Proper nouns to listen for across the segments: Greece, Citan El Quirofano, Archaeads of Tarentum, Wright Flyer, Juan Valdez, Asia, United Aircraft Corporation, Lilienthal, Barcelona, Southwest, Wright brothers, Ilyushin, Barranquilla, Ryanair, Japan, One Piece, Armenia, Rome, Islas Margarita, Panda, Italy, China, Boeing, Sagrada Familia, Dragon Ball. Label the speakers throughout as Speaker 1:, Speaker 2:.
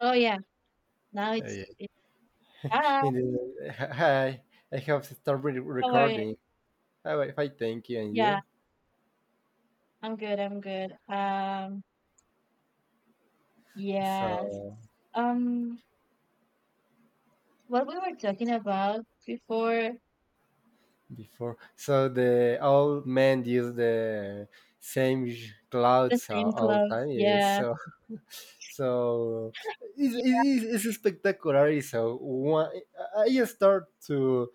Speaker 1: Oh, yeah. Now
Speaker 2: Oh, yeah.
Speaker 1: it's hi,
Speaker 2: And, hi, I have started
Speaker 1: how are you?
Speaker 2: recording. Oh, if I thank you and
Speaker 1: Yeah,
Speaker 2: you.
Speaker 1: I'm good, I'm good. Yes.
Speaker 2: So
Speaker 1: Um, what we were talking about before,
Speaker 2: before, so the all men use the same
Speaker 1: the
Speaker 2: clothes all
Speaker 1: same
Speaker 2: all
Speaker 1: clothes.
Speaker 2: time. Yes.
Speaker 1: Yeah.
Speaker 2: So, so it's,
Speaker 1: Yeah.
Speaker 2: it's, it's spectacular. So one, I just start to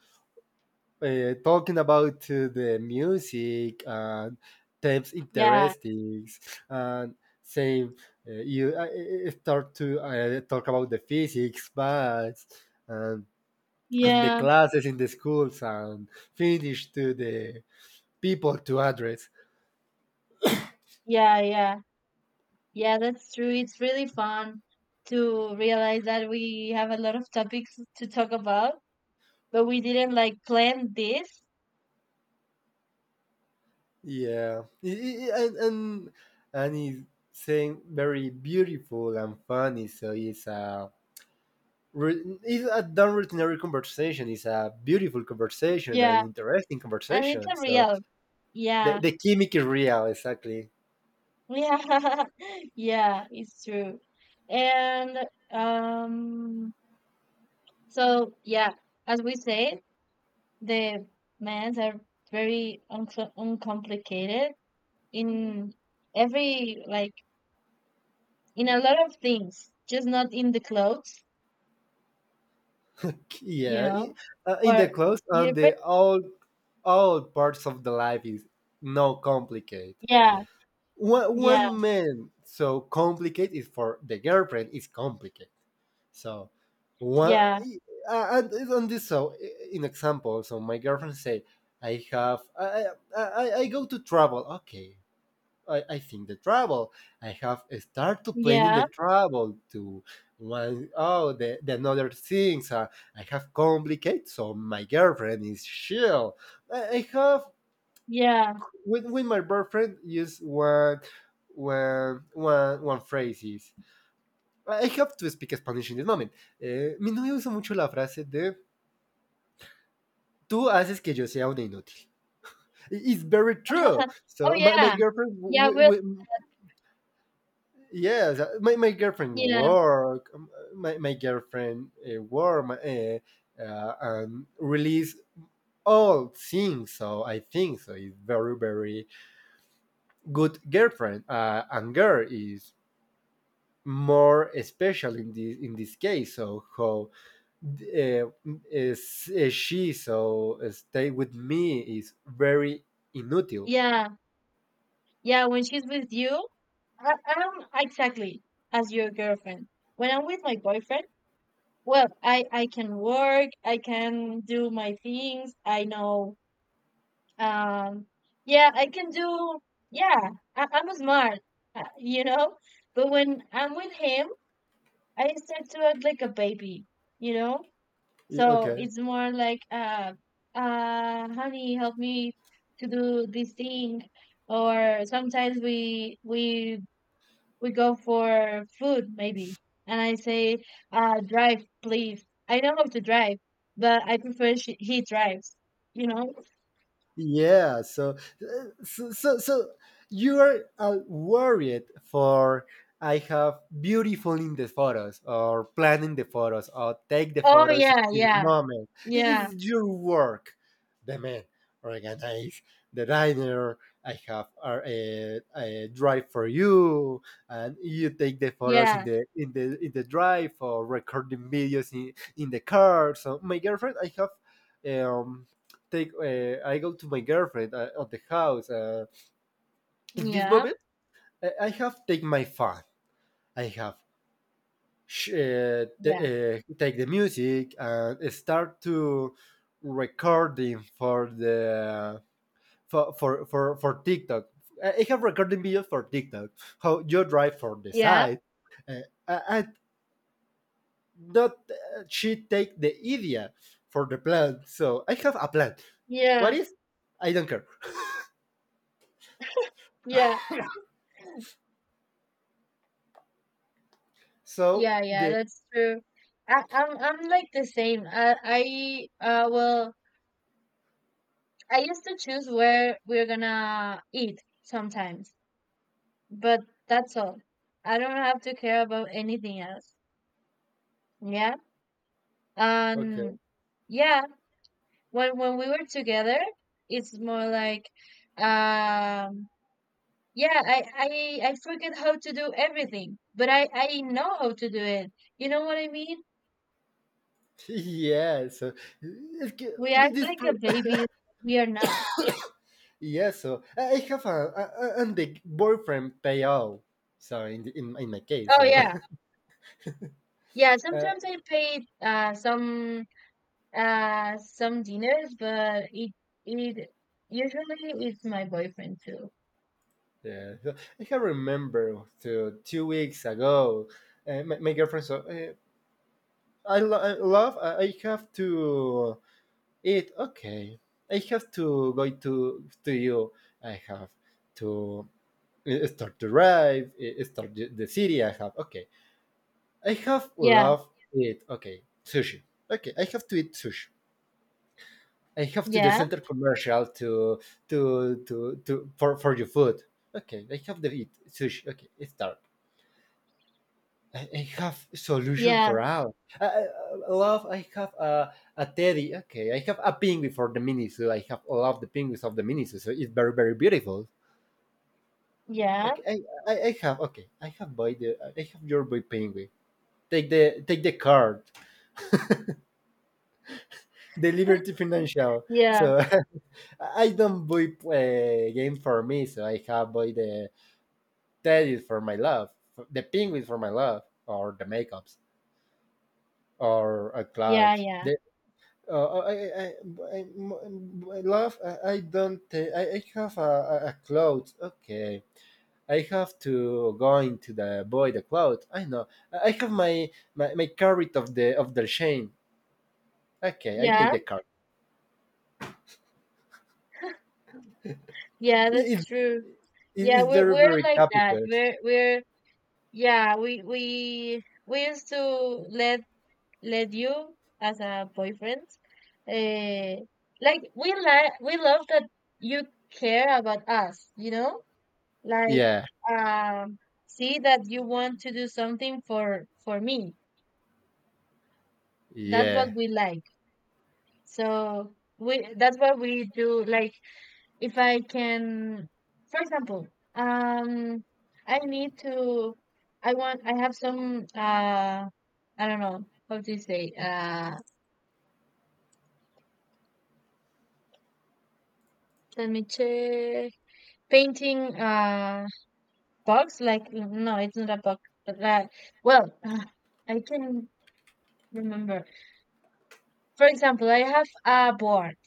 Speaker 2: talking about the music and types
Speaker 1: Yeah.
Speaker 2: interesting and same you start to talk about the physics maths and, and the classes in the schools and finish to the people to address,
Speaker 1: Yeah, yeah. Yeah, that's true. It's really fun to realize that we have a lot of topics to talk about, but we didn't like plan this.
Speaker 2: yeah, and and and it's saying very beautiful and funny so it's a. It's a not ordinary conversation. It's a beautiful conversation, an
Speaker 1: Yeah,
Speaker 2: interesting
Speaker 1: and it's
Speaker 2: conversation.
Speaker 1: a
Speaker 2: So
Speaker 1: real.
Speaker 2: the,
Speaker 1: Yeah.
Speaker 2: the chemic is real, exactly.
Speaker 1: Yeah, yeah, it's true. And um, so yeah, as we say, the mans are very uncomplicated in every like in a lot of things, just not in the clothes, you
Speaker 2: Yeah,
Speaker 1: know,
Speaker 2: in
Speaker 1: or
Speaker 2: the clothes
Speaker 1: you
Speaker 2: and
Speaker 1: ever-
Speaker 2: the all parts of the life is no complicated.
Speaker 1: yeah,
Speaker 2: One
Speaker 1: yeah,
Speaker 2: one man so complicated is for the girlfriend is complicated. So one,
Speaker 1: yeah,
Speaker 2: and it's on this so in example, so my girlfriend say I have I I go to travel. Okay, I think the travel. I have start to planning the
Speaker 1: yeah,
Speaker 2: travel to one oh the another things. I have complicated. So my girlfriend is chill. I have
Speaker 1: yeah.
Speaker 2: with my boyfriend use one phrase is I have to speak Spanish in this moment. Mi novia usa mucho la frase de tú haces que yo sea una inútil. It's very true.
Speaker 1: Oh
Speaker 2: So my
Speaker 1: yeah,
Speaker 2: girlfriend
Speaker 1: yeah. Well,
Speaker 2: yes, my girlfriend
Speaker 1: yeah,
Speaker 2: work. My girlfriend work my, and release all things. So I think so. It's very very good girlfriend. And girl is more special in this case. So how, uh, is she so stay with me is very inutile.
Speaker 1: yeah, yeah. When she's with you. I'm exactly as your girlfriend. When I'm with my boyfriend, well, I can work, I can do my things. I know, um, yeah, I can do. Yeah, I'm smart, uh, you know. But when I'm with him, I start to act like a baby, you know.
Speaker 2: Yeah,
Speaker 1: So
Speaker 2: okay.
Speaker 1: it's more like, honey, help me to do this thing. Or sometimes we go for food maybe, and I say, drive please. I know how to drive, but I prefer he drives you know
Speaker 2: Yeah, so, so you're worried for I have beautiful in the photos or planning the photos or take the
Speaker 1: oh
Speaker 2: photos in
Speaker 1: yeah,
Speaker 2: this
Speaker 1: yeah,
Speaker 2: moment. It
Speaker 1: yeah,
Speaker 2: is your work, the man organize the diner. I have a drive for you, and you take the photos in
Speaker 1: yeah,
Speaker 2: the drive or recording videos in the car. So my girlfriend, I have. um Take I go to my girlfriend at the house. In this
Speaker 1: yeah,
Speaker 2: moment, I have take my phone. I have
Speaker 1: yeah,
Speaker 2: take the music and start to recording for the for TikTok. I have recording videos for TikTok. How you drive for the
Speaker 1: yeah,
Speaker 2: side, uh, and not she take the idea for the plan. So I have a plan.
Speaker 1: yeah,
Speaker 2: What is? I don't care.
Speaker 1: yeah,
Speaker 2: So
Speaker 1: yeah, yeah,
Speaker 2: the,
Speaker 1: that's true. I'm like the same, I well, I used to choose where we're gonna eat sometimes, but that's all, I don't have to care about anything else. Yeah.
Speaker 2: okay.
Speaker 1: And yeah, when we were together, it's more like um yeah, I forget how to do everything, but I know how to do it. You know what I mean?
Speaker 2: Yeah, so es que
Speaker 1: We act
Speaker 2: this
Speaker 1: like a baby. We are not.
Speaker 2: y eso. I have and the boyfriend pay out. So in in my case,
Speaker 1: Oh
Speaker 2: so
Speaker 1: yeah. Yeah,
Speaker 2: uh,
Speaker 1: sometimes I paid some dinners, but it usually it's my boyfriend too.
Speaker 2: yeah, so I can remember to 2 weeks ago, my girlfriend so, I love, I have to eat. Okay, I have to go to you. I have to start to drive, start the city. I have okay. I have
Speaker 1: Yeah,
Speaker 2: loved it. Okay, sushi. Okay, I have to eat sushi. I have to the
Speaker 1: yeah,
Speaker 2: center commercial to for your food. Okay, I have to eat sushi. Okay, it's dark. I have solution for
Speaker 1: yeah,
Speaker 2: all. I, I I love. I have a teddy. Okay, I have a penguin for the mini zoo. I have all of the penguins of the mini zoo. So it's very very beautiful.
Speaker 1: yeah,
Speaker 2: Okay, I have. Okay, I have boy the I have your boy penguin. Take the card. The Liberty Financial.
Speaker 1: yeah,
Speaker 2: So I don't buy games for me. So I have buy the Teddy's for my love, the Penguins for my love, or the makeups, or a cloud.
Speaker 1: yeah, yeah,
Speaker 2: The, uh, uh, I, I, I love. I don't. I have a cloud. Okay. I have to go into the cloud. I know. I have my carrot of the chain. Okay, I take
Speaker 1: yeah.
Speaker 2: the card.
Speaker 1: Yeah,
Speaker 2: It,
Speaker 1: that's
Speaker 2: it,
Speaker 1: true. Yeah,
Speaker 2: it's
Speaker 1: we're
Speaker 2: very
Speaker 1: we're
Speaker 2: very
Speaker 1: like that.
Speaker 2: capital.
Speaker 1: We're yeah, we used to let you as a boyfriend. Uh, like we love that you care about us, you know? Like
Speaker 2: Yeah,
Speaker 1: um see that you want to do something for me. That's what
Speaker 2: yeah,
Speaker 1: we like. So we that's what we do, like if I can, for example, I need to, I want, I have some, I don't know how to say, let me check, painting, box, like, no, it's not a box, but, well, I can remember. For example, I have a board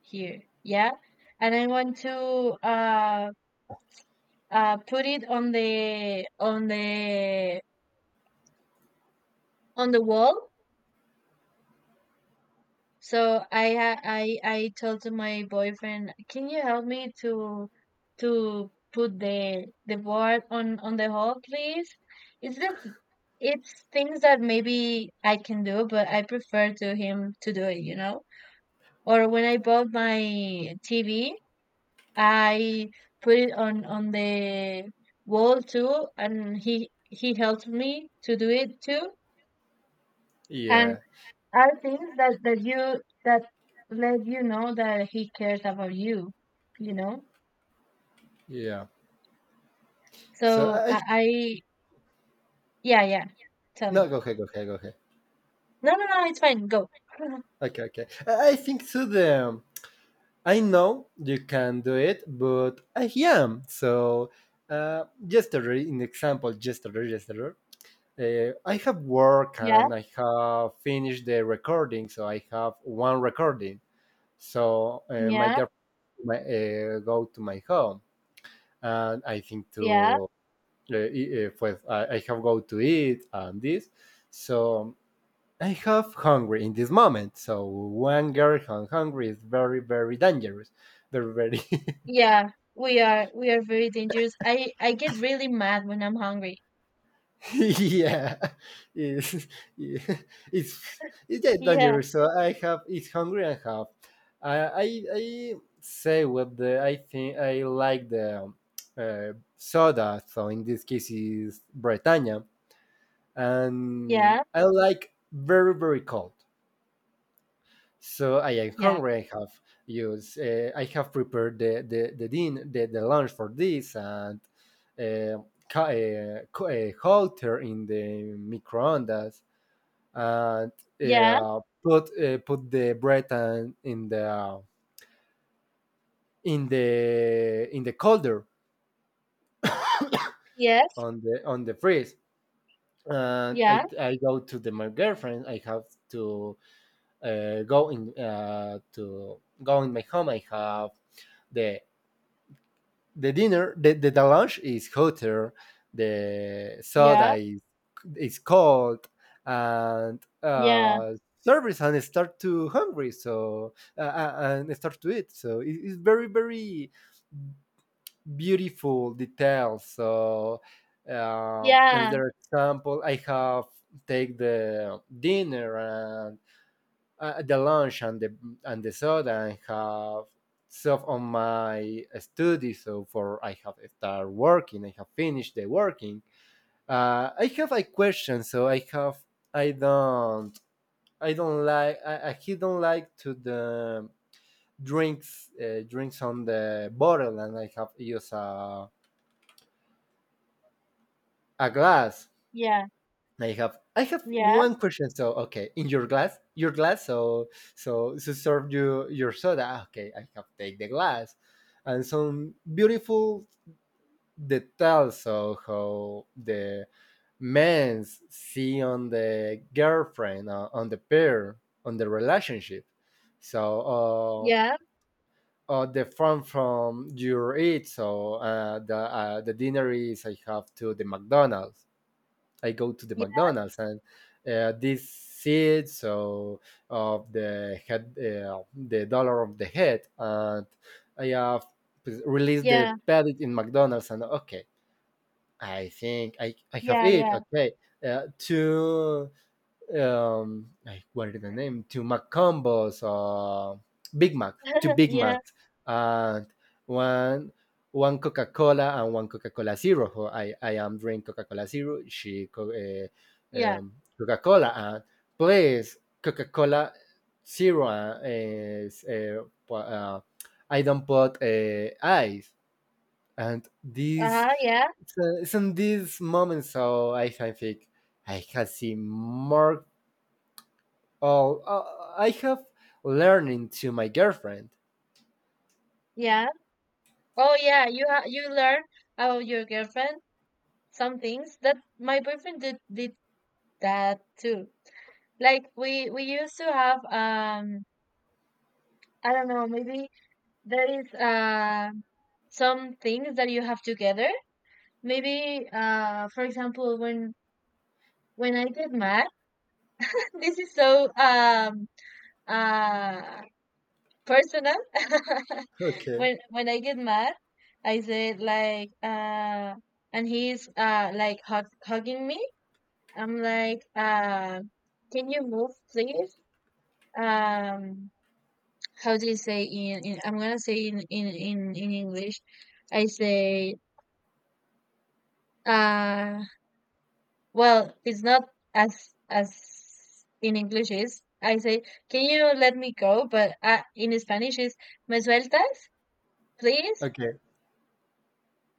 Speaker 1: here, yeah, and I want to, put it on the wall. So I ha- I told to my boyfriend, "Can you help me to put the board on the hall, please?" It's just it's things that maybe I can do, but I prefer to him to do it, you know? Or when I bought my TV, I put it on the wall too, and he helped me to do it too. And
Speaker 2: yeah,
Speaker 1: are things that let you know that he cares about you you know
Speaker 2: yeah. So,
Speaker 1: so
Speaker 2: I
Speaker 1: I Yeah, yeah, tell
Speaker 2: no,
Speaker 1: me.
Speaker 2: go ahead, go ahead, go ahead.
Speaker 1: No, no, no, it's fine, go.
Speaker 2: Okay, okay. I think to them. I know you can do it, but I am. So, yesterday, in example, yesterday, I have work
Speaker 1: Yeah,
Speaker 2: and I have finished the recording. So I have one recording. So, my
Speaker 1: yeah,
Speaker 2: girlfriend go to my home, and I think
Speaker 1: yeah,
Speaker 2: to pues I have go to eat and this. So I have hungry in this moment. So one girl hungry is very, very dangerous. Very, very,
Speaker 1: yeah, we are very dangerous. I get really mad when I'm hungry.
Speaker 2: yeah, it's, it's it's yeah,
Speaker 1: Yeah,
Speaker 2: dangerous. So I have it's hungry and have. I say what the I think I like the, soda. So in this case is Britannia, and
Speaker 1: yeah,
Speaker 2: I like very, very cold. So I am
Speaker 1: yeah,
Speaker 2: hungry. I have used. I have prepared the lunch for this and, uh, halter in the microondas and,
Speaker 1: yeah,
Speaker 2: put the bread and in the colder
Speaker 1: yes,
Speaker 2: on the freeze. And
Speaker 1: yeah,
Speaker 2: I go to my girlfriend. I have to go in, to go in my home. I have the the dinner the lunch is hotter the
Speaker 1: yeah,
Speaker 2: soda is cold and
Speaker 1: yeah,
Speaker 2: service and start to hungry so, and start to eat so it's very very beautiful details. So,
Speaker 1: yeah,
Speaker 2: another example, I have take the dinner and, the lunch and the soda and have stuff on my study. So for I have start working, I have finished the working. I have a question. So I have I don't I he don't like to the drinks on the bottle and I have use a glass.
Speaker 1: yeah,
Speaker 2: I have
Speaker 1: yeah,
Speaker 2: one question. So okay, in your glass, your glass. So to serve you your soda. Ah, okay, I have take the glass, and some beautiful details. So how the men see on the girlfriend, on the pair, on the relationship. So
Speaker 1: yeah,
Speaker 2: the fun from your eat. So, the dinner is I have to the McDonald's, I go to the McDonald's and, this seed so of the head, the dollar of the head, and I have released
Speaker 1: yeah,
Speaker 2: the pellet in McDonald's, and okay I think I have
Speaker 1: yeah, yeah,
Speaker 2: it.
Speaker 1: yeah,
Speaker 2: Okay, two, I, what is the name to McCombos or Big Mac, to Big
Speaker 1: yeah,
Speaker 2: Macs and one one Coca Cola and one Coca Cola Zero. Who I am drink Coca Cola Zero. She
Speaker 1: yeah,
Speaker 2: um, Coca Cola and please Coca Cola Zero is, I don't put ice and these.
Speaker 1: uh-huh, yeah.
Speaker 2: So, it's in these moments so I can think I can see more. Oh, I have learning to my girlfriend.
Speaker 1: Yeah. Oh yeah, you learn about your girlfriend some things that my boyfriend did that too. Like we used to have, I don't know, maybe there is some things that you have together. Maybe for example, when I get mad, this is so uh personal.
Speaker 2: Okay.
Speaker 1: When I get mad, I said like, and he's, like hugging me, I'm like, can you move, please? Um, how do you say in I'm gonna say in English. I say, uh, well, it's not as in English is. I say, can you let me go? But in Spanish is, me sueltas, please,
Speaker 2: Okay.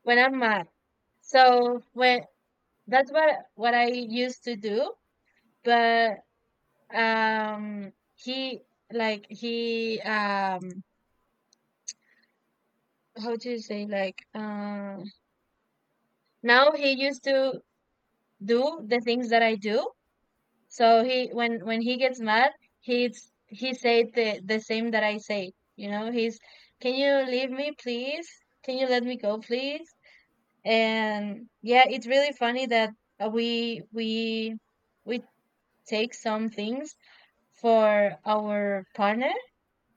Speaker 1: when I'm mad. So when that's what I used to do, but um, he, like he um how do you say, like, now he used to do the things that I do. So he, when he gets mad, he said the same that I say. You know, he's, can you leave me please? Can you let me go please? And yeah, it's really funny that, uh, we we we take some things for our partner.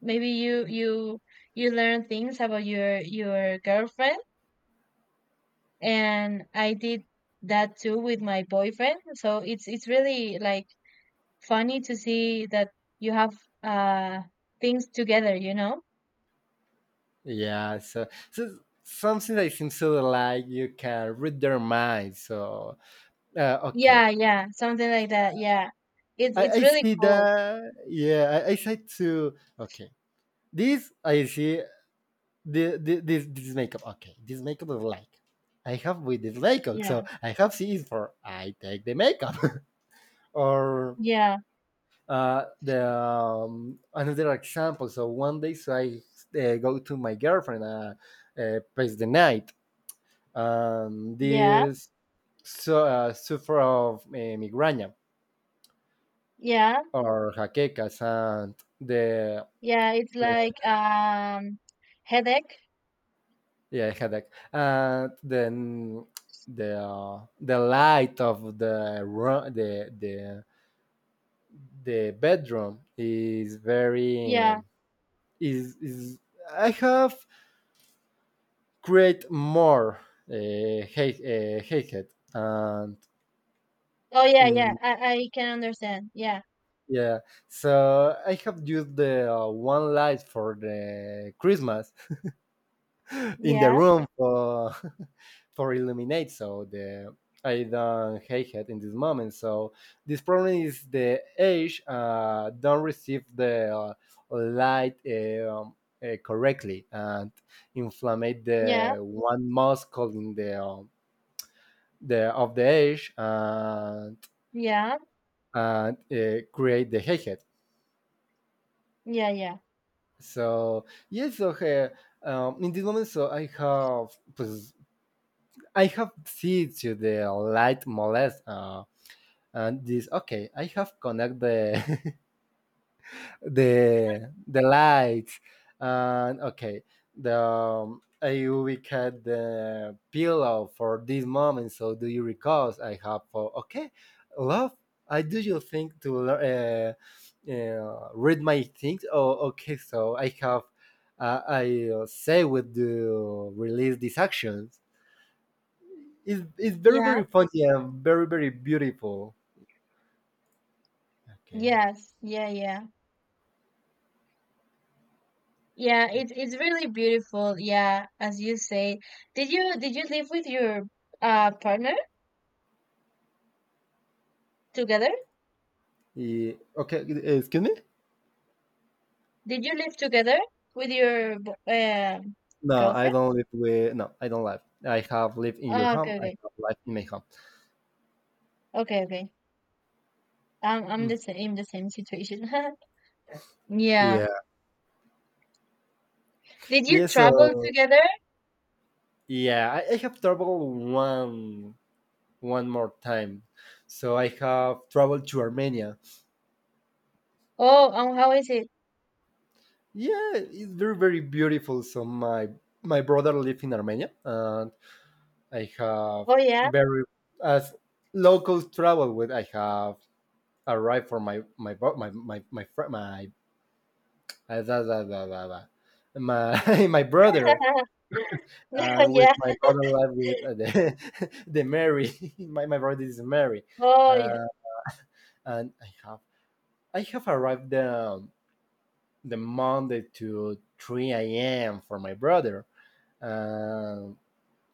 Speaker 1: Maybe you learn things about your girlfriend, and I did that too with my boyfriend. So it's really, like, funny to see that you have uh things together, you know?
Speaker 2: Yeah, so, something that seems to like you can read their mind. So, okay,
Speaker 1: Yeah, yeah, something like that. Yeah. It's
Speaker 2: I,
Speaker 1: it's
Speaker 2: I
Speaker 1: really
Speaker 2: see
Speaker 1: cool.
Speaker 2: that. Yeah, I said to, okay. This I see the this makeup. Okay, this makeup is like I have with this makeup.
Speaker 1: Yeah.
Speaker 2: So I have C is for I take the makeup or,
Speaker 1: Yeah.
Speaker 2: the, another example. So one day, so I, go to my girlfriend, pass the night.
Speaker 1: Yeah.
Speaker 2: This so, suffer of, migraine
Speaker 1: Yeah.
Speaker 2: or jaquecas and the,
Speaker 1: Yeah, it's
Speaker 2: uh,
Speaker 1: like, headache.
Speaker 2: yeah, headache, and then the light of the room, the bedroom is very
Speaker 1: Yeah.
Speaker 2: is I have create more hate, hatred and,
Speaker 1: Oh yeah, yeah.
Speaker 2: mm,
Speaker 1: I can understand. Yeah.
Speaker 2: yeah, so I have used the, one light for the Christmas in the
Speaker 1: Yeah.
Speaker 2: room for for illuminate so the, I don't hate it in this moment. So this problem is the age don't receive the, light, correctly, and inflammate
Speaker 1: Yeah.
Speaker 2: the one muscle in the of the edge, and,
Speaker 1: Yeah.
Speaker 2: and create the headset.
Speaker 1: Yeah, yeah.
Speaker 2: So yes, so in this moment, so I have pues, I have see to the light molest, and this, okay. I have connect the the lights and okay the, I cut the pillow for this moment so do you recall I have for okay love I do you think to read my things, oh okay, so I have, I, say with the release these actions. It's very
Speaker 1: Yeah.
Speaker 2: very funny and very very beautiful, okay.
Speaker 1: Yes. Yeah, yeah. Yeah,
Speaker 2: Okay.
Speaker 1: it's really beautiful. Yeah, as you say. Did you live with your partner together?
Speaker 2: Okay, excuse me.
Speaker 1: Did you live together with your
Speaker 2: No, I
Speaker 1: girlfriend?
Speaker 2: don't live with. No, I don't live. I have lived in your
Speaker 1: Oh,
Speaker 2: home.
Speaker 1: okay,
Speaker 2: I
Speaker 1: okay,
Speaker 2: have lived in my home.
Speaker 1: okay, okay. I'm the
Speaker 2: Mm.
Speaker 1: same in the same situation. Yeah.
Speaker 2: Yeah.
Speaker 1: Did you
Speaker 2: Yeah.
Speaker 1: travel
Speaker 2: So
Speaker 1: together?
Speaker 2: yeah, I have traveled one more time. So I have traveled to Armenia.
Speaker 1: Oh, how is it?
Speaker 2: Yeah, it's very very beautiful. So my brother lives in Armenia, and I have
Speaker 1: Oh yeah.
Speaker 2: very as local travel with. I have arrived for my my bro- my fr- my. Da, da, da, da, da. My my brother, and with
Speaker 1: Yeah.
Speaker 2: my brother live with the, the Mary. my brother is Mary,
Speaker 1: Oh yeah.
Speaker 2: uh, and I have arrived the Monday to 3 a.m. for my brother, uh,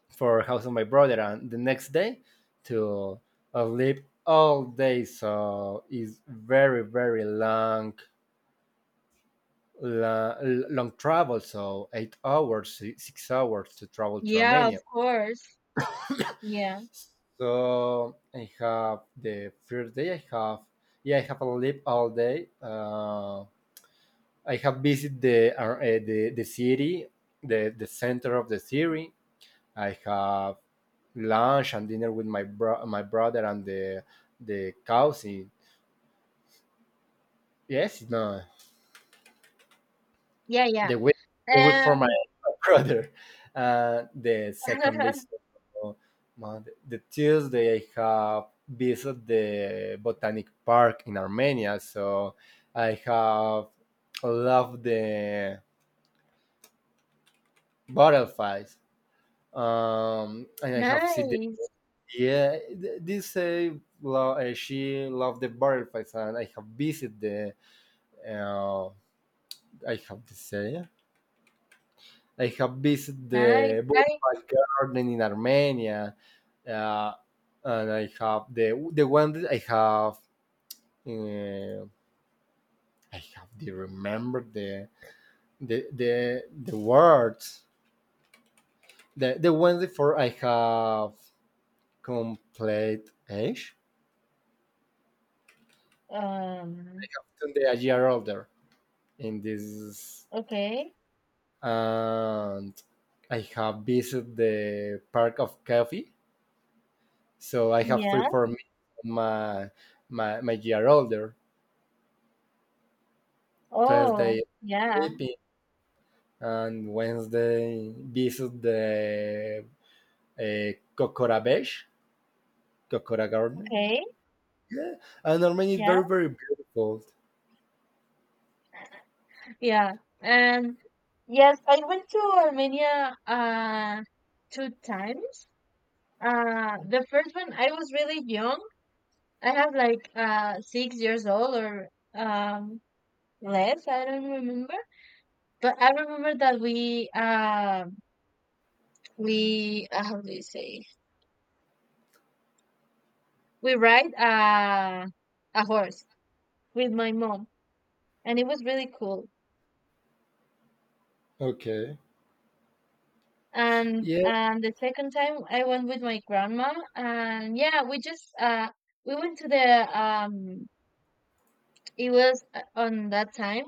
Speaker 2: for house of my brother, and the next day to sleep all day. So it's very very long. Long, long travel, so 8 hours, 6 hours to travel to
Speaker 1: Yeah,
Speaker 2: Armenia.
Speaker 1: of course. Yeah.
Speaker 2: So I have the first day. I have yeah. I have a leave all day. I have visited the city, the center of the city. I have lunch and dinner with my brother and the cousin. Yes, no.
Speaker 1: Yeah, yeah.
Speaker 2: the week the week for my
Speaker 1: And
Speaker 2: brother. The second day, so, the Tuesday, I have visited the botanic park in Armenia, so I have loved the butterflies. And I have seen
Speaker 1: nice,
Speaker 2: yeah, this she loved the butterflies, and I have visited the uh, I have to say, like, I have visited
Speaker 1: nice.
Speaker 2: the
Speaker 1: I
Speaker 2: Botanical Garden in Armenia, uh, and I have the one that I have. Uh, I have to remember the the words. The one before I have complete age
Speaker 1: Um,
Speaker 2: today, a year older in this,
Speaker 1: okay.
Speaker 2: and I have visited the park of coffee. So I have free
Speaker 1: Yeah.
Speaker 2: for me my my year older.
Speaker 1: Oh,
Speaker 2: Tuesday,
Speaker 1: yeah.
Speaker 2: sleeping, and Wednesday visit the Kokora Beach, Kokora Garden.
Speaker 1: Okay.
Speaker 2: And Armenia is
Speaker 1: Yeah.
Speaker 2: very, very beautiful.
Speaker 1: Yeah. And yes, I went to Armenia 2 times. The first one, I was really young. I have like, 6 years old, or less, I don't remember. But I remember that we, how do you say, we ride a horse with my mom, and it was really cool.
Speaker 2: Okay. Yeah.
Speaker 1: And the second time, I went with my grandma, and yeah, we just, we went to the it was, on that time,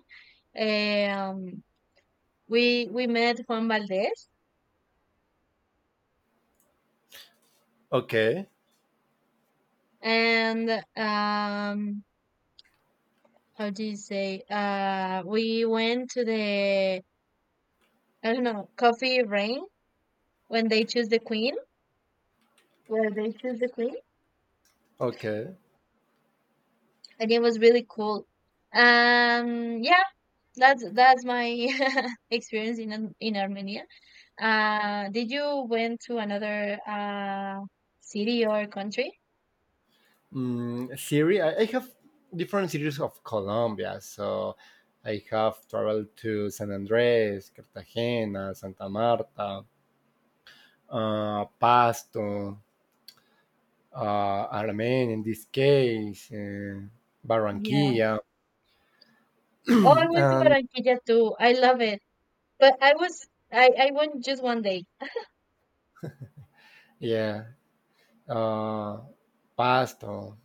Speaker 1: um we met Juan Valdez,
Speaker 2: Okay.
Speaker 1: and, um how do you say, we went to the, I don't know, coffee ring, when they choose the queen where they choose the queen,
Speaker 2: Okay.
Speaker 1: the game was really cool. Yeah, that's my experience in Armenia. Did you went to another city or country?
Speaker 2: Mm, Siri, I have different cities of Colombia. So I have traveled to San Andres, Cartagena, Santa Marta, Pasto, uh, Armenia in this case,
Speaker 1: Yeah.
Speaker 2: Barranquilla,
Speaker 1: Oh, I went to
Speaker 2: and
Speaker 1: Barranquilla too. I love it, but I was I went just one day.
Speaker 2: yeah, uh Pasto,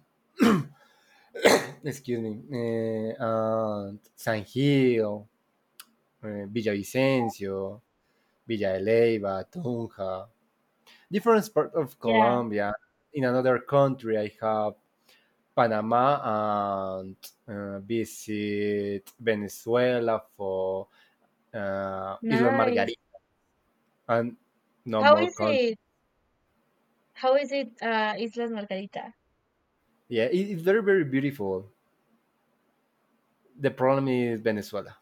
Speaker 2: excuse me, and San Gil, Villavicencio, Villa de Leyva, Tunja, different part of
Speaker 1: Yeah.
Speaker 2: Colombia. In another country I have Panama, and visit Venezuela for Isla
Speaker 1: Nice.
Speaker 2: Margarita, and no
Speaker 1: How
Speaker 2: more
Speaker 1: is
Speaker 2: country.
Speaker 1: it? How is it? Islas Margarita.
Speaker 2: Yeah, it's very very beautiful. The problem is Venezuela,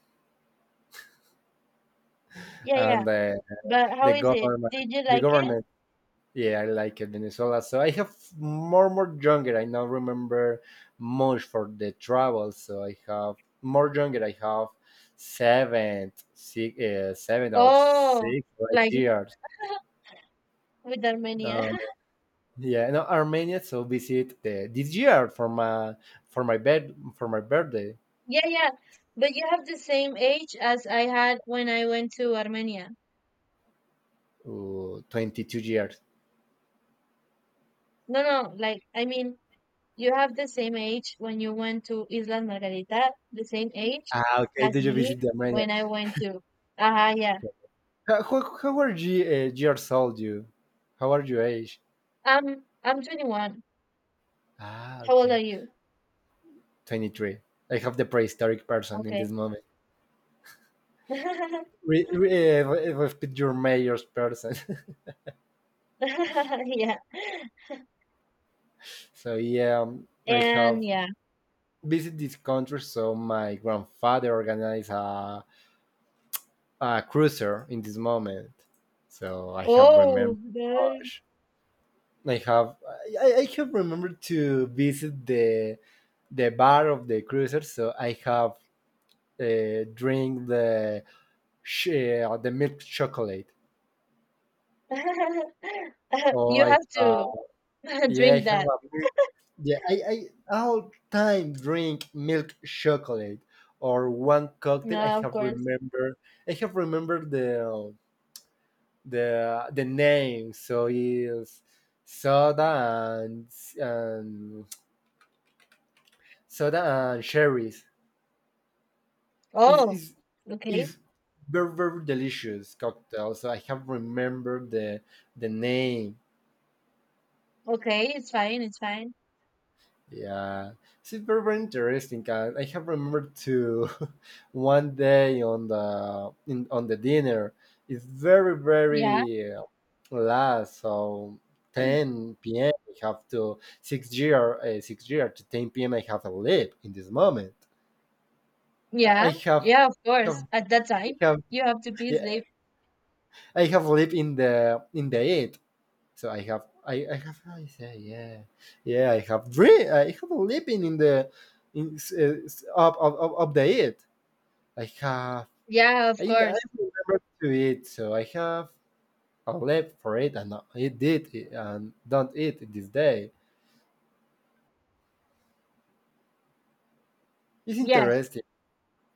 Speaker 1: Yeah, yeah.
Speaker 2: and
Speaker 1: But how
Speaker 2: the
Speaker 1: is it?
Speaker 2: government
Speaker 1: Did you
Speaker 2: the
Speaker 1: like it?
Speaker 2: government. Yeah, I like it Venezuela, so I have more younger. I now remember much for the travel. So I have more younger. I have seven six, seven or
Speaker 1: Oh,
Speaker 2: six or eight
Speaker 1: like,
Speaker 2: years
Speaker 1: with Armenia.
Speaker 2: uh, yeah, no, Armenia, so visit the, this year for my, for my bed, for my birthday.
Speaker 1: Yeah, yeah. But you have the same age as I had when I went to Armenia.
Speaker 2: 22 years.
Speaker 1: No, no, like, I mean, you have the same age when you went to Isla Margarita, the same age
Speaker 2: Ah, okay,
Speaker 1: as
Speaker 2: did you
Speaker 1: me
Speaker 2: visit the Armenia?
Speaker 1: when I went to. Ah, yeah.
Speaker 2: How are you years old you? How are you age?
Speaker 1: I'm 21.
Speaker 2: Ah,
Speaker 1: How old are
Speaker 2: okay.
Speaker 1: you?
Speaker 2: 23. I have the prehistoric person in
Speaker 1: Okay.
Speaker 2: this moment. Re, re, uh, your mayor's person.
Speaker 1: Yeah.
Speaker 2: so yeah, I
Speaker 1: And
Speaker 2: have
Speaker 1: yeah.
Speaker 2: visited this country. So my grandfather organized a cruiser in this moment. So I have
Speaker 1: Oh,
Speaker 2: remembered
Speaker 1: nice.
Speaker 2: much. I have remembered to visit the bar of the cruiser. So I have drink sh- the milk chocolate. Or
Speaker 1: You
Speaker 2: I,
Speaker 1: have to
Speaker 2: yeah, I
Speaker 1: drink
Speaker 2: have
Speaker 1: that.
Speaker 2: a big, yeah, I all time drink milk chocolate or one cocktail.
Speaker 1: No, of course.
Speaker 2: I have remembered the name. So is soda and soda and cherries. Is
Speaker 1: Oh,
Speaker 2: is
Speaker 1: okay.
Speaker 2: is very very delicious cocktail. So I have remembered the name.
Speaker 1: Okay, it's fine, it's fine.
Speaker 2: Yeah, it's very, very interesting. And I have remembered to one day on the dinner. It's very
Speaker 1: Yeah,
Speaker 2: very late, so 10 p.m. I have to 6 year to 10 p.m. I have to leave in this moment.
Speaker 1: yeah,
Speaker 2: I
Speaker 1: yeah, of course.
Speaker 2: have
Speaker 1: At that time,
Speaker 2: have
Speaker 1: you have to be
Speaker 2: yeah,
Speaker 1: asleep.
Speaker 2: I have lived in the eight. So I have, I say, yeah, yeah, I have, dream, I have a living in the, in up the it. I have,
Speaker 1: Yeah, of
Speaker 2: I
Speaker 1: course.
Speaker 2: remember to eat, so I have a lab for it, and it did, it, and don't eat this day. It's
Speaker 1: Yes,
Speaker 2: interesting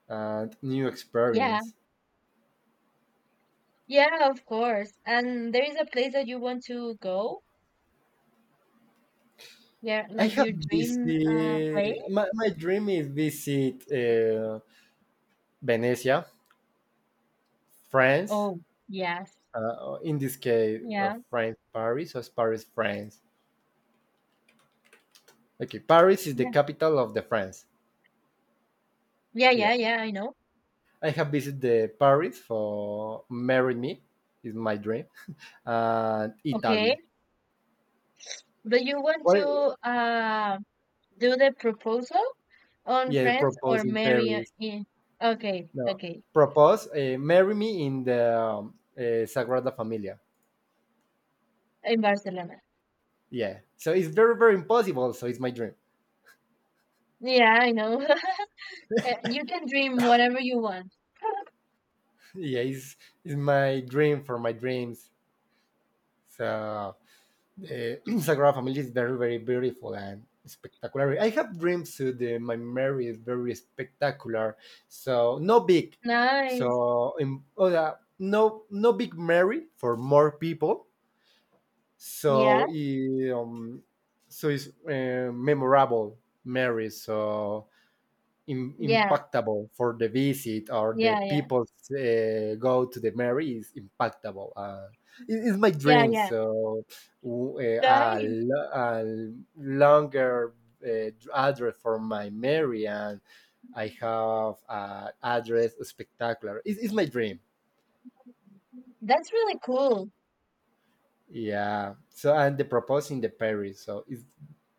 Speaker 2: and new
Speaker 1: yeah,
Speaker 2: experience.
Speaker 1: yeah, of course. And there is a place that you want to go? Yeah,
Speaker 2: I
Speaker 1: like
Speaker 2: have
Speaker 1: your dream place?
Speaker 2: visit. My dream is visit Venice, France.
Speaker 1: Oh, yes.
Speaker 2: In this case,
Speaker 1: Yeah,
Speaker 2: France, Paris, or Paris, France. Okay, Paris is the
Speaker 1: yeah,
Speaker 2: capital of the France.
Speaker 1: yeah,
Speaker 2: Yeah,
Speaker 1: yeah, yeah, I know.
Speaker 2: I have visited the Paris for marry me is my dream, and
Speaker 1: Okay,
Speaker 2: Italy.
Speaker 1: but you want
Speaker 2: What?
Speaker 1: to uh do the proposal on
Speaker 2: Yeah,
Speaker 1: Friends
Speaker 2: propose
Speaker 1: or
Speaker 2: in
Speaker 1: marry,
Speaker 2: Paris.
Speaker 1: in? Okay,
Speaker 2: No,
Speaker 1: okay,
Speaker 2: propose marry me in the Sagrada Familia.
Speaker 1: in Barcelona.
Speaker 2: Yeah, so it's very very impossible. So it's my dream.
Speaker 1: Yeah, I know. You can dream whatever you want.
Speaker 2: Yeah, it's my dream for my dreams. So the Sagrada Familia is very, very beautiful and spectacular. I have dreams too. My Mary is very spectacular. So no big.
Speaker 1: Nice.
Speaker 2: So in, oh, yeah, no no big Mary for more people.
Speaker 1: Yeah.
Speaker 2: So so it's memorable Mary. So
Speaker 1: Yeah.
Speaker 2: impactable for the visit or the
Speaker 1: Yeah. Yeah.
Speaker 2: people go to the marriage is impactable. It's my
Speaker 1: Yeah.
Speaker 2: dream.
Speaker 1: Yeah.
Speaker 2: So
Speaker 1: Nice.
Speaker 2: a longer address for my marriage, and I have address spectacular. It's my dream.
Speaker 1: That's really cool.
Speaker 2: Yeah. So and the proposing the Paris. So it's,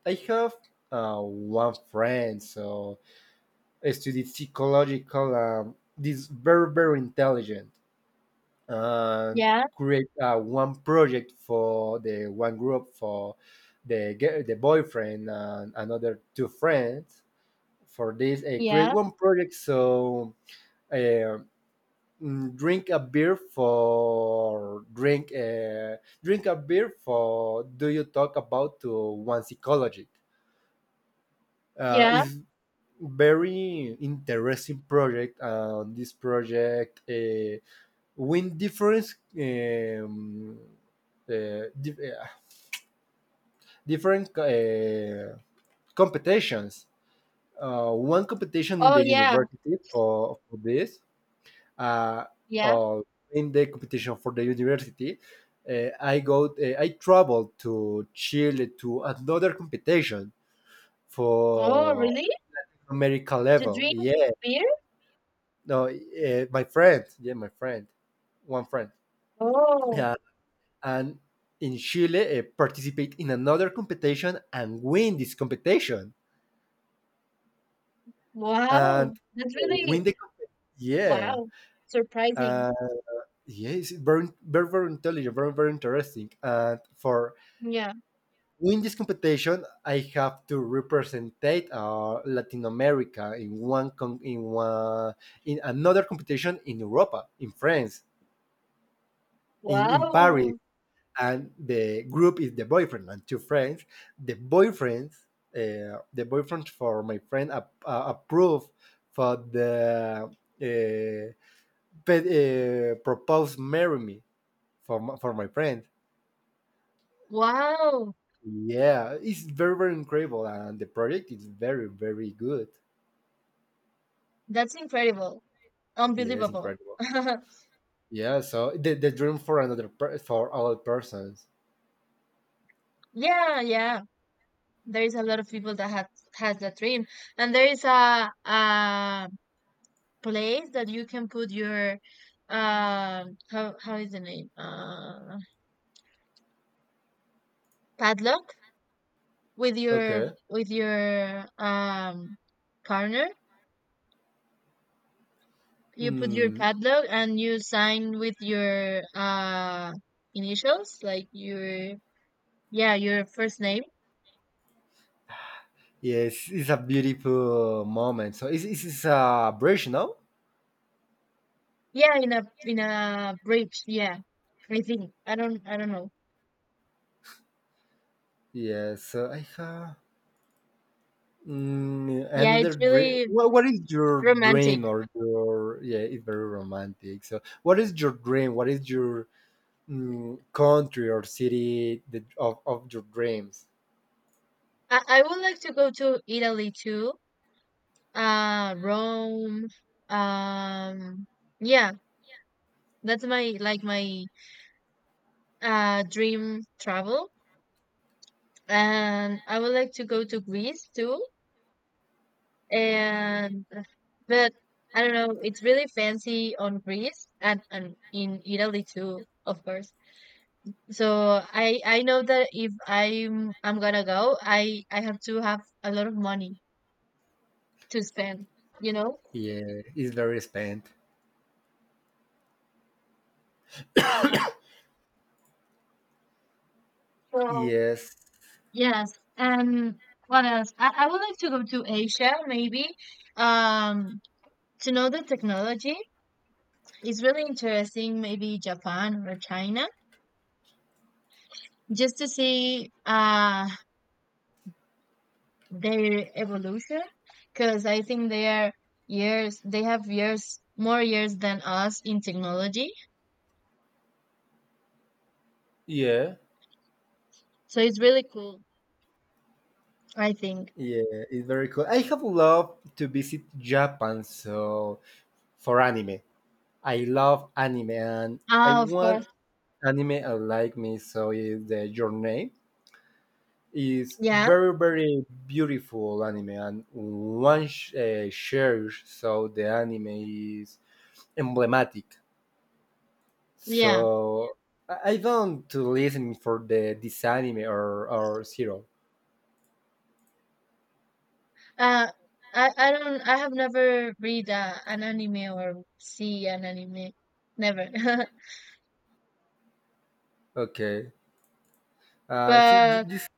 Speaker 2: I have one friend. So as to the psychological, this very very intelligent and
Speaker 1: Yeah.
Speaker 2: create one project for the one group for the boyfriend and another two friends. For this I create
Speaker 1: Yeah.
Speaker 2: one project, so uh, drink drink a beer for, do you talk about to one psychologist?
Speaker 1: Yeah.
Speaker 2: Is very interesting project. This project win different um, uh, dif- uh, different competitions. One competition in
Speaker 1: Oh,
Speaker 2: the
Speaker 1: yeah.
Speaker 2: university for this, uh,
Speaker 1: Yeah.
Speaker 2: uh, in the competition for the university, I go, I traveled to Chile to another competition
Speaker 1: Oh,
Speaker 2: for
Speaker 1: really?
Speaker 2: America
Speaker 1: To
Speaker 2: level.
Speaker 1: drink
Speaker 2: Yeah,
Speaker 1: beer?
Speaker 2: no, my friend, yeah, my friend, one friend,
Speaker 1: Oh,
Speaker 2: yeah, and in Chile participate in another competition and win this competition, and
Speaker 1: wow. That's really,
Speaker 2: win the comp- yeah,
Speaker 1: wow. Surprising.
Speaker 2: uh, yeah, it's very, very, very intelligent, very, very interesting. And for
Speaker 1: Yeah.
Speaker 2: win this competition, I have to represent Latin America in in one, in another competition in Europa, in France, in Paris,
Speaker 1: Wow.
Speaker 2: and the group is the boyfriend and two friends. The boyfriends, the boyfriend for my friend approved for the proposed marry me for for my friend.
Speaker 1: Wow.
Speaker 2: Yeah, it's very very incredible, and the project is very very good.
Speaker 1: That's incredible.
Speaker 2: Yes,
Speaker 1: Unbelievable.
Speaker 2: incredible. Yeah, so the dream for for all persons.
Speaker 1: Yeah. Yeah. There is a lot of people that have has that dream, and there is a place that you can put your, how is the name, padlock, with your
Speaker 2: Okay.
Speaker 1: with your um partner. You put your
Speaker 2: Mm,
Speaker 1: padlock, and you sign with your, initials, like your, yeah, your first name.
Speaker 2: yes, it's a beautiful moment. So it's a bridge, no?
Speaker 1: Yeah, in a bridge. Yeah, I think I don't know.
Speaker 2: Yes, I have
Speaker 1: Yeah, it's
Speaker 2: another dream.
Speaker 1: really
Speaker 2: What is your
Speaker 1: romantic.
Speaker 2: dream or your yeah? It's very romantic. So, what is your dream? What is your country or city that, of your dreams?
Speaker 1: I would like to go to Italy too. Rome. Um, yeah, that's my dream travel, and I would like to go to Greece too. And but I don't know, it's really fancy on Greece, and in Italy too, of course. So I know that if I'm gonna go, I have to have a lot of money to spend, you know?
Speaker 2: Yeah, it's very spent.
Speaker 1: Yeah. So
Speaker 2: Yes,
Speaker 1: yes, and what else? I would like to go to Asia, maybe, um, to know the technology. It's really interesting, maybe Japan or China, just to see their evolution, because I think they have years, more years than us in technology.
Speaker 2: yeah,
Speaker 1: So it's really cool, I think.
Speaker 2: yeah, it's very cool. I have loved to visit Japan. So for anime, I love anime, and I
Speaker 1: Ah, of
Speaker 2: want
Speaker 1: course.
Speaker 2: anime. I like me. So is the your name. Is
Speaker 1: Yeah,
Speaker 2: very very beautiful anime, and shares, so the anime is emblematic.
Speaker 1: yeah.
Speaker 2: So I don't to listen for the this anime or zero.
Speaker 1: Uh, I have never read an anime or see an anime, never.
Speaker 2: Okay.
Speaker 1: But
Speaker 2: This.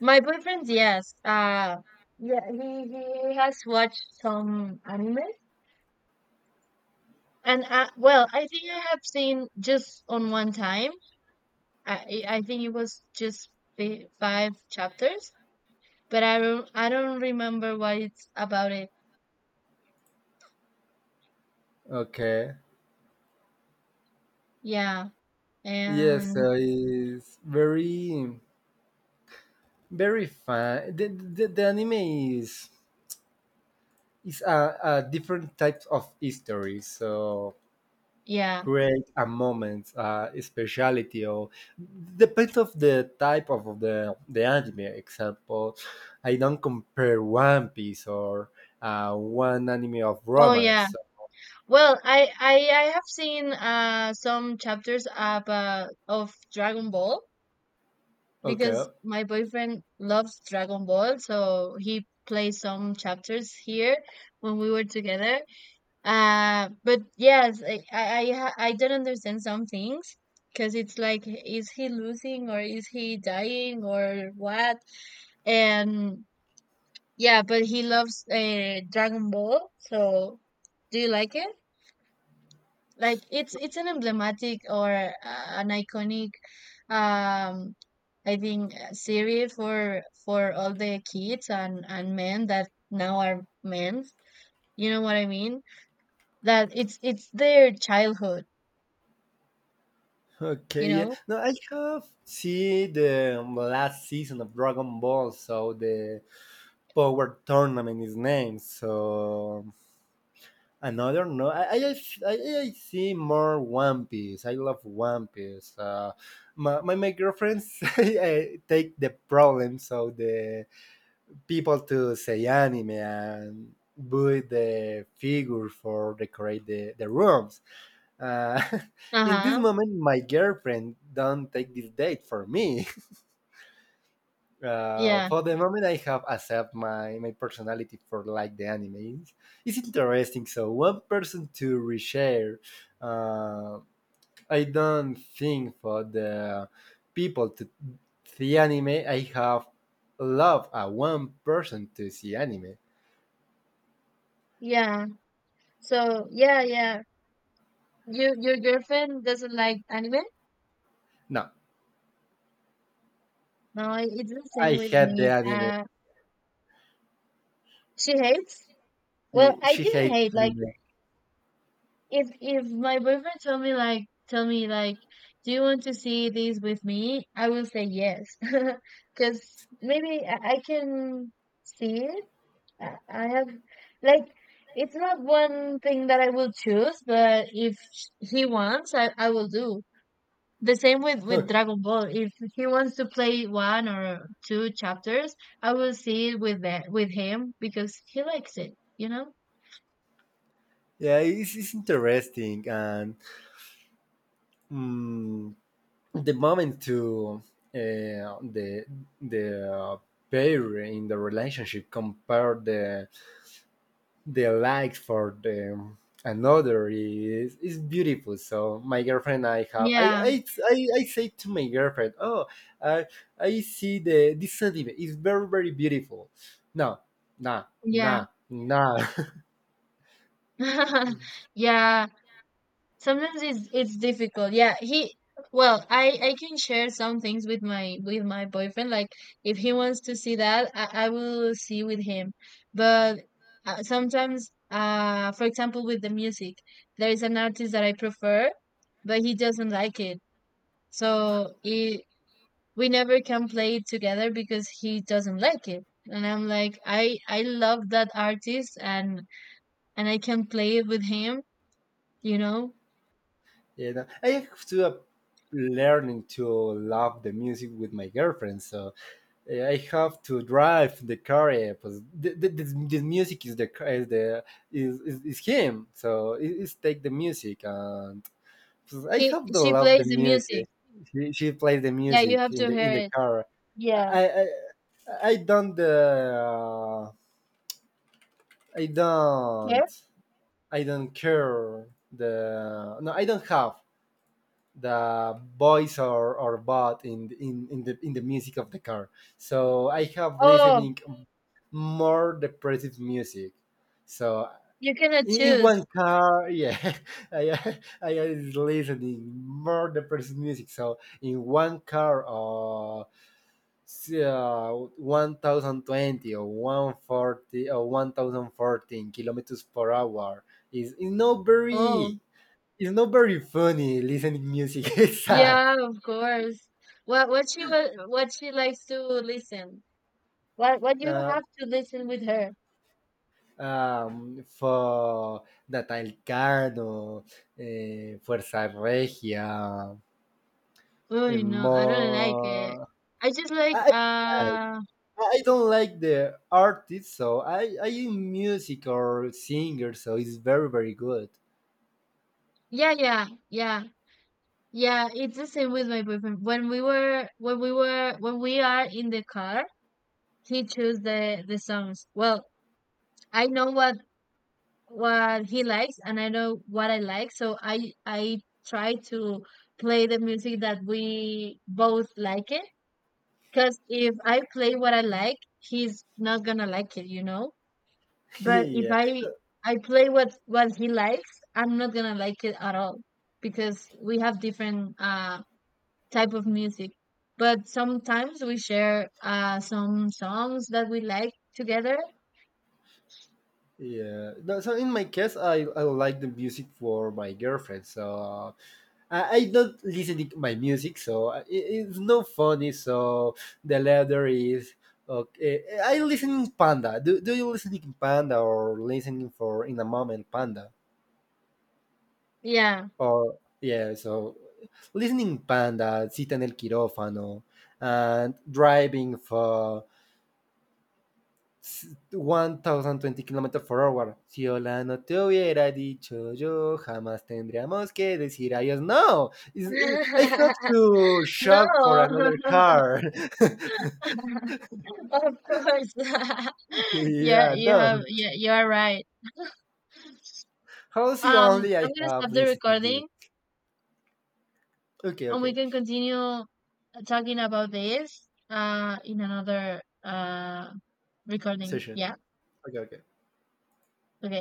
Speaker 1: my boyfriend, yes. Yeah, he has watched some anime, and well, I think I have seen just on one time. I think it was just five chapters, but I don't remember what it's about it.
Speaker 2: Okay.
Speaker 1: Yeah,
Speaker 2: Yes,
Speaker 1: and
Speaker 2: so it's very very fun the anime is is a different type of history, so
Speaker 1: yeah.
Speaker 2: create a moment, a speciality, or depends of the type of the anime. Example, I don't compare One Piece or one anime of
Speaker 1: Oh yeah.
Speaker 2: romance.
Speaker 1: Well, I have seen some chapters of Dragon Ball
Speaker 2: Okay,
Speaker 1: because my boyfriend loves Dragon Ball, so he plays some chapters here when we were together. But yes, I don't understand some things because it's like, is he losing or is he dying or what? And yeah, but he loves Dragon Ball, so do you like it? Like it's an emblematic or an iconic um I think series for all the kids and men that now are men, you know what I mean, that it's their childhood, you
Speaker 2: okay, yeah.
Speaker 1: know.
Speaker 2: No, I have seen the last season of Dragon Ball, so the Power Tournament is named. So another, no, I, I see more One Piece. I love One Piece. My girlfriends I take the problems of the people to say anime, and buy the figure for decorate the rooms. Uh, in this
Speaker 1: Uh-huh.
Speaker 2: moment, my girlfriend don't take this date for me.
Speaker 1: Yeah,
Speaker 2: For the moment, I have accept my personality for like the anime. It's interesting. So one person to reshare. Uh, I don't think for the people to see anime. I have love a one person to see anime.
Speaker 1: yeah. So yeah, your girlfriend doesn't like anime?
Speaker 2: No,
Speaker 1: No, it's the
Speaker 2: I
Speaker 1: same with
Speaker 2: hate the
Speaker 1: me.
Speaker 2: anime.
Speaker 1: She hates. Well,
Speaker 2: She
Speaker 1: I
Speaker 2: she
Speaker 1: didn't
Speaker 2: hates
Speaker 1: hate, like,
Speaker 2: anime.
Speaker 1: if my boyfriend tell me like do you want to see this with me, I will say yes. Because maybe I can see it. I have like, it's not one thing that I will choose, but if he wants, I will do the same with Dragon Ball. If he wants to play one or two chapters, I will see it with that with him because he likes it, you know.
Speaker 2: yeah, it's interesting, and mm, the moment to uh, the the pair in the relationship compare the likes for the another is beautiful. So my girlfriend
Speaker 1: Yeah,
Speaker 2: I say to my girlfriend, oh, i I see the this sentiment is very very beautiful. No, nah
Speaker 1: yeah.
Speaker 2: nah nah.
Speaker 1: Yeah, sometimes it's difficult, yeah. He well, I can share some things with my boyfriend, like if he wants to see that, I will see with him. But sometimes for example with the music, there is an artist that I prefer, but he doesn't like it. So we never can play it together because he doesn't like it, and I'm like I love that artist, and I can play it with him, you know.
Speaker 2: yeah, no. I have to learning to love the music with my girlfriend. So I have to drive the car. Pues this, this music is is the is him. So it's take the music, and pues, I
Speaker 1: He
Speaker 2: have to
Speaker 1: she
Speaker 2: love the
Speaker 1: plays the music.
Speaker 2: music. She plays the
Speaker 1: Yeah, you
Speaker 2: music
Speaker 1: have
Speaker 2: in
Speaker 1: to
Speaker 2: the
Speaker 1: hear it.
Speaker 2: car.
Speaker 1: Yeah.
Speaker 2: I I I don't I don't
Speaker 1: Here?
Speaker 2: I don't care the no, I don't have the voice or bot in in the music of the car. So I have
Speaker 1: Oh,
Speaker 2: listening more depressive music so
Speaker 1: you cannot
Speaker 2: in
Speaker 1: choose.
Speaker 2: one car, yeah. I is listening more depressive music. So in one car, or uh, 1020 or 140 or 1014 kilometers per hour is not
Speaker 1: Oh,
Speaker 2: very, it's not very funny listening music. it's sad.
Speaker 1: yeah, of course. What she likes to listen. What you
Speaker 2: Ah,
Speaker 1: have to listen with her.
Speaker 2: for Natal Cano, Fuerza Regia,
Speaker 1: Oh, no, I don't like it.
Speaker 2: Mo.
Speaker 1: I just like
Speaker 2: I, I I don't like the artist, so I in music or singer, so it's very very good.
Speaker 1: yeah, yeah, yeah. Yeah, it's the same with my boyfriend. When we were when we were when we are in the car, he chose the songs. Well, I know what he likes, and I know what I like. So I try to play the music that we both like it. Because if I play what I like, he's not gonna like it, you know? But if
Speaker 2: yeah,
Speaker 1: I play what he likes, I'm not gonna like it at all because we have different type of music. But sometimes we share some songs that we like together.
Speaker 2: yeah. No, so in my case, I like the music for my girlfriend, so I don't listen to my music, so it's no funny. So the letter is okay. I listen in Panda. Do you listen to Panda, or listening for in a moment Panda
Speaker 1: Yeah.
Speaker 2: or yeah? So listening Panda, Citan El Quirofano, and driving for 1020 km for hour. Si hola no te hubiera dicho yo, jamás tendríamos que decir adiós. No, I have to
Speaker 1: No.
Speaker 2: shop for another car.
Speaker 1: Of course.
Speaker 2: yeah, no.
Speaker 1: Yeah, you are right.
Speaker 2: How's the only
Speaker 1: I'm
Speaker 2: I
Speaker 1: gonna
Speaker 2: have
Speaker 1: stop the
Speaker 2: listened to this?
Speaker 1: recording
Speaker 2: Okay,
Speaker 1: and we
Speaker 2: okay.
Speaker 1: can continue talking about this in another recording.
Speaker 2: Session.
Speaker 1: Yeah.
Speaker 2: Okay, okay.
Speaker 1: Okay.